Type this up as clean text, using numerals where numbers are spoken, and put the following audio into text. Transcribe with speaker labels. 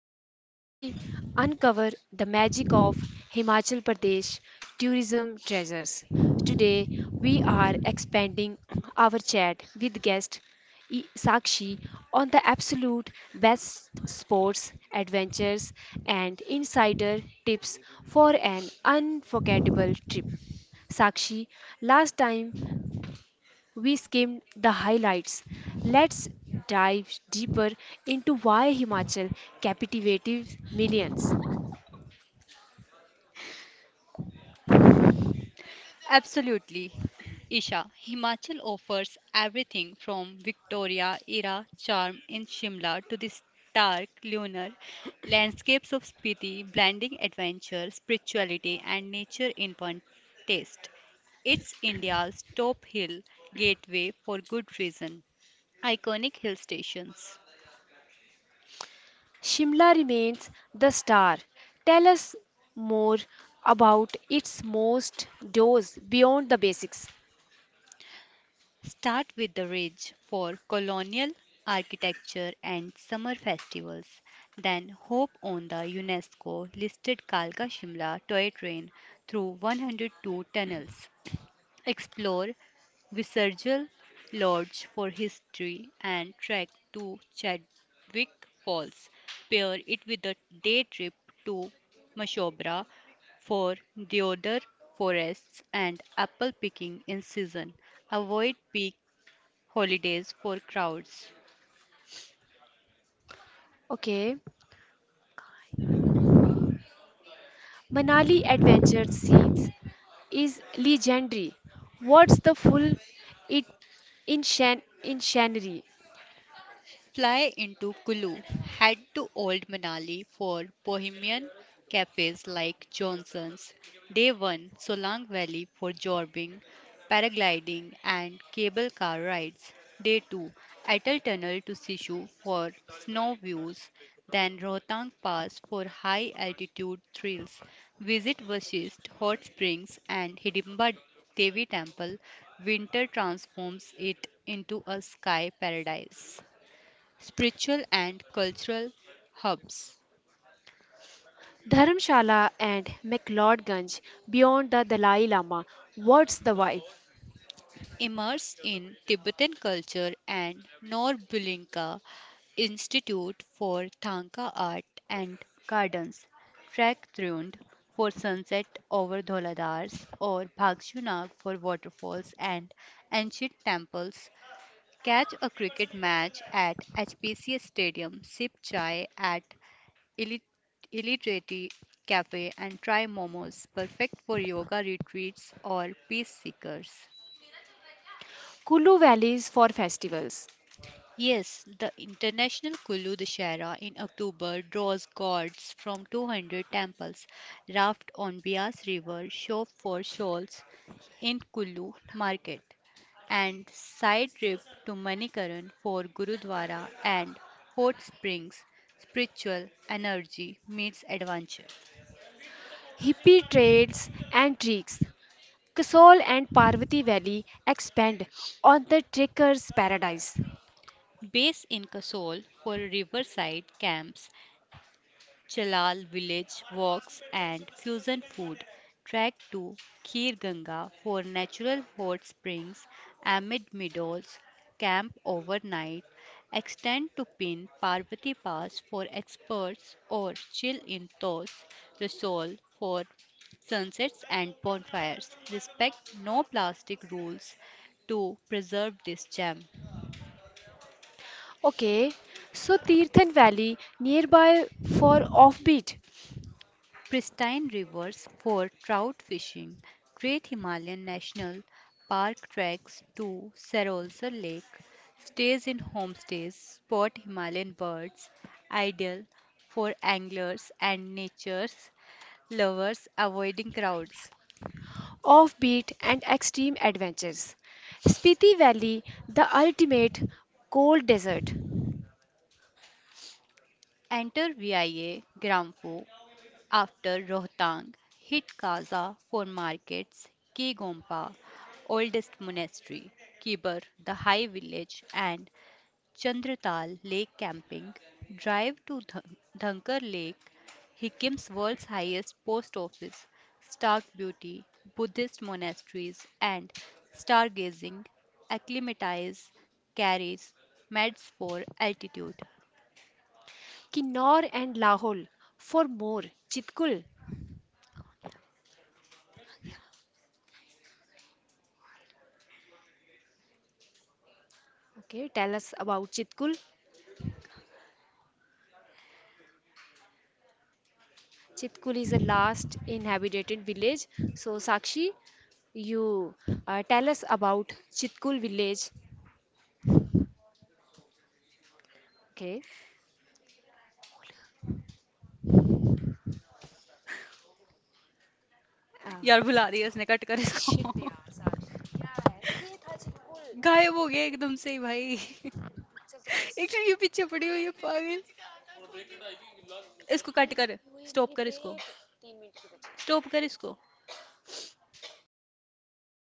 Speaker 1: where we uncover the magic of Himachal Pradesh tourism treasures. Today, we are expanding our chat with guest Sakshi on the absolute best sports adventures and insider tips for an unforgettable trip. Sakshi, last time we skimmed the highlights. Let's dive deeper into why Himachal captivated millions.
Speaker 2: Absolutely. Isha, Himachal offers everything from Victoria era charm in Shimla to the stark lunar landscapes of Spiti, blending adventure, spirituality, and nature in one taste. It's India's top hill gateway for good reason. Iconic hill stations.
Speaker 1: Shimla remains the star. Tell us more about its most dose beyond the basics.
Speaker 2: Start with the ridge for colonial architecture and summer festivals, then hop on the UNESCO listed Kalka Shimla toy train through 102 tunnels. Explore Visergil Lodge for history and trek to Chadwick Falls. Pair it with a day trip to Mashobra for deodar forests and apple picking in season. Avoid peak holidays for crowds.
Speaker 1: Okay, Manali Adventure Scenes is legendary. What's the full it in Shannery?
Speaker 2: Fly into Kulu, head to Old Manali for bohemian cafes like Johnson's, day one Solang Valley for jorbing, paragliding, and cable car rides, day two Atal Tunnel to Sishu for snow views, then Rohtang Pass for high altitude thrills. Visit Vashist Hot Springs and Hidimba Devi Temple. Winter transforms it into a sky paradise spiritual and cultural hubs.
Speaker 1: Dharamshala and McLeodganj beyond the Dalai Lama. What's the vibe?
Speaker 2: Immerse in Tibetan culture and Norbulinka Institute for Thangka Art and Gardens. Trek Thrund for sunset over Dholadars or Bhagshunag for waterfalls and ancient temples. Catch a cricket match at HPCS Stadium. Sip chai at Illi- Illiterati Cafe and try momos, perfect for yoga retreats or peace seekers.
Speaker 1: Kulu valleys for festivals,
Speaker 2: Yes, the International Kullu Dashera in October draws gods from 200 temples. Raft on Bias River, shop for shawls in Kullu market, and side trip to Manikaran for Gurudwara and hot springs. Spiritual energy meets adventure.
Speaker 1: hippie trails and treks. Kasol and Parvati Valley expand on the trekker's paradise.
Speaker 2: Based in Kasol for riverside camps, Chalal village walks and fusion food, track to Khir Ganga for natural hot springs amid meadows, camp overnight, extend to Pin Parvati Pass for experts or chill in Tos Rasol for sunsets and bonfires. Respect no plastic rules to preserve this gem.
Speaker 1: Okay, so Tirthan Valley nearby for
Speaker 2: Pristine rivers for trout fishing, Great Himalayan National Park treks to Sarolsar Lake, stays in homestays, spot Himalayan birds, ideal for anglers and nature lovers avoiding crowds.
Speaker 1: offbeat and extreme adventures. Spiti Valley, the ultimate cold desert.
Speaker 2: Enter VIA Grampo after Rohtang, hit Kaza for markets, Ki Gompa, oldest monastery, Kibar, the high village, and Chandratal Lake Camping, drive to Dhunkar Lake, Hickim's world's highest post office, stark beauty, Buddhist monasteries, and stargazing acclimatize carries meds for altitude.
Speaker 1: Kinnor and Lahore for more. Chitkul. Okay, tell us about Chitkul. Chitkul is the last inhabited village. So, Sakshi, you tell us about Chitkul village. Okay.
Speaker 2: यार बुला रही है इसने cut कर इसको गायब हो गया एकदम से ही भाई एक्चुअली ये पीछे पड़ी हुई है पागल इसको कट कर स्टॉप कर इसको स्टॉप कर इसको
Speaker 1: Uh,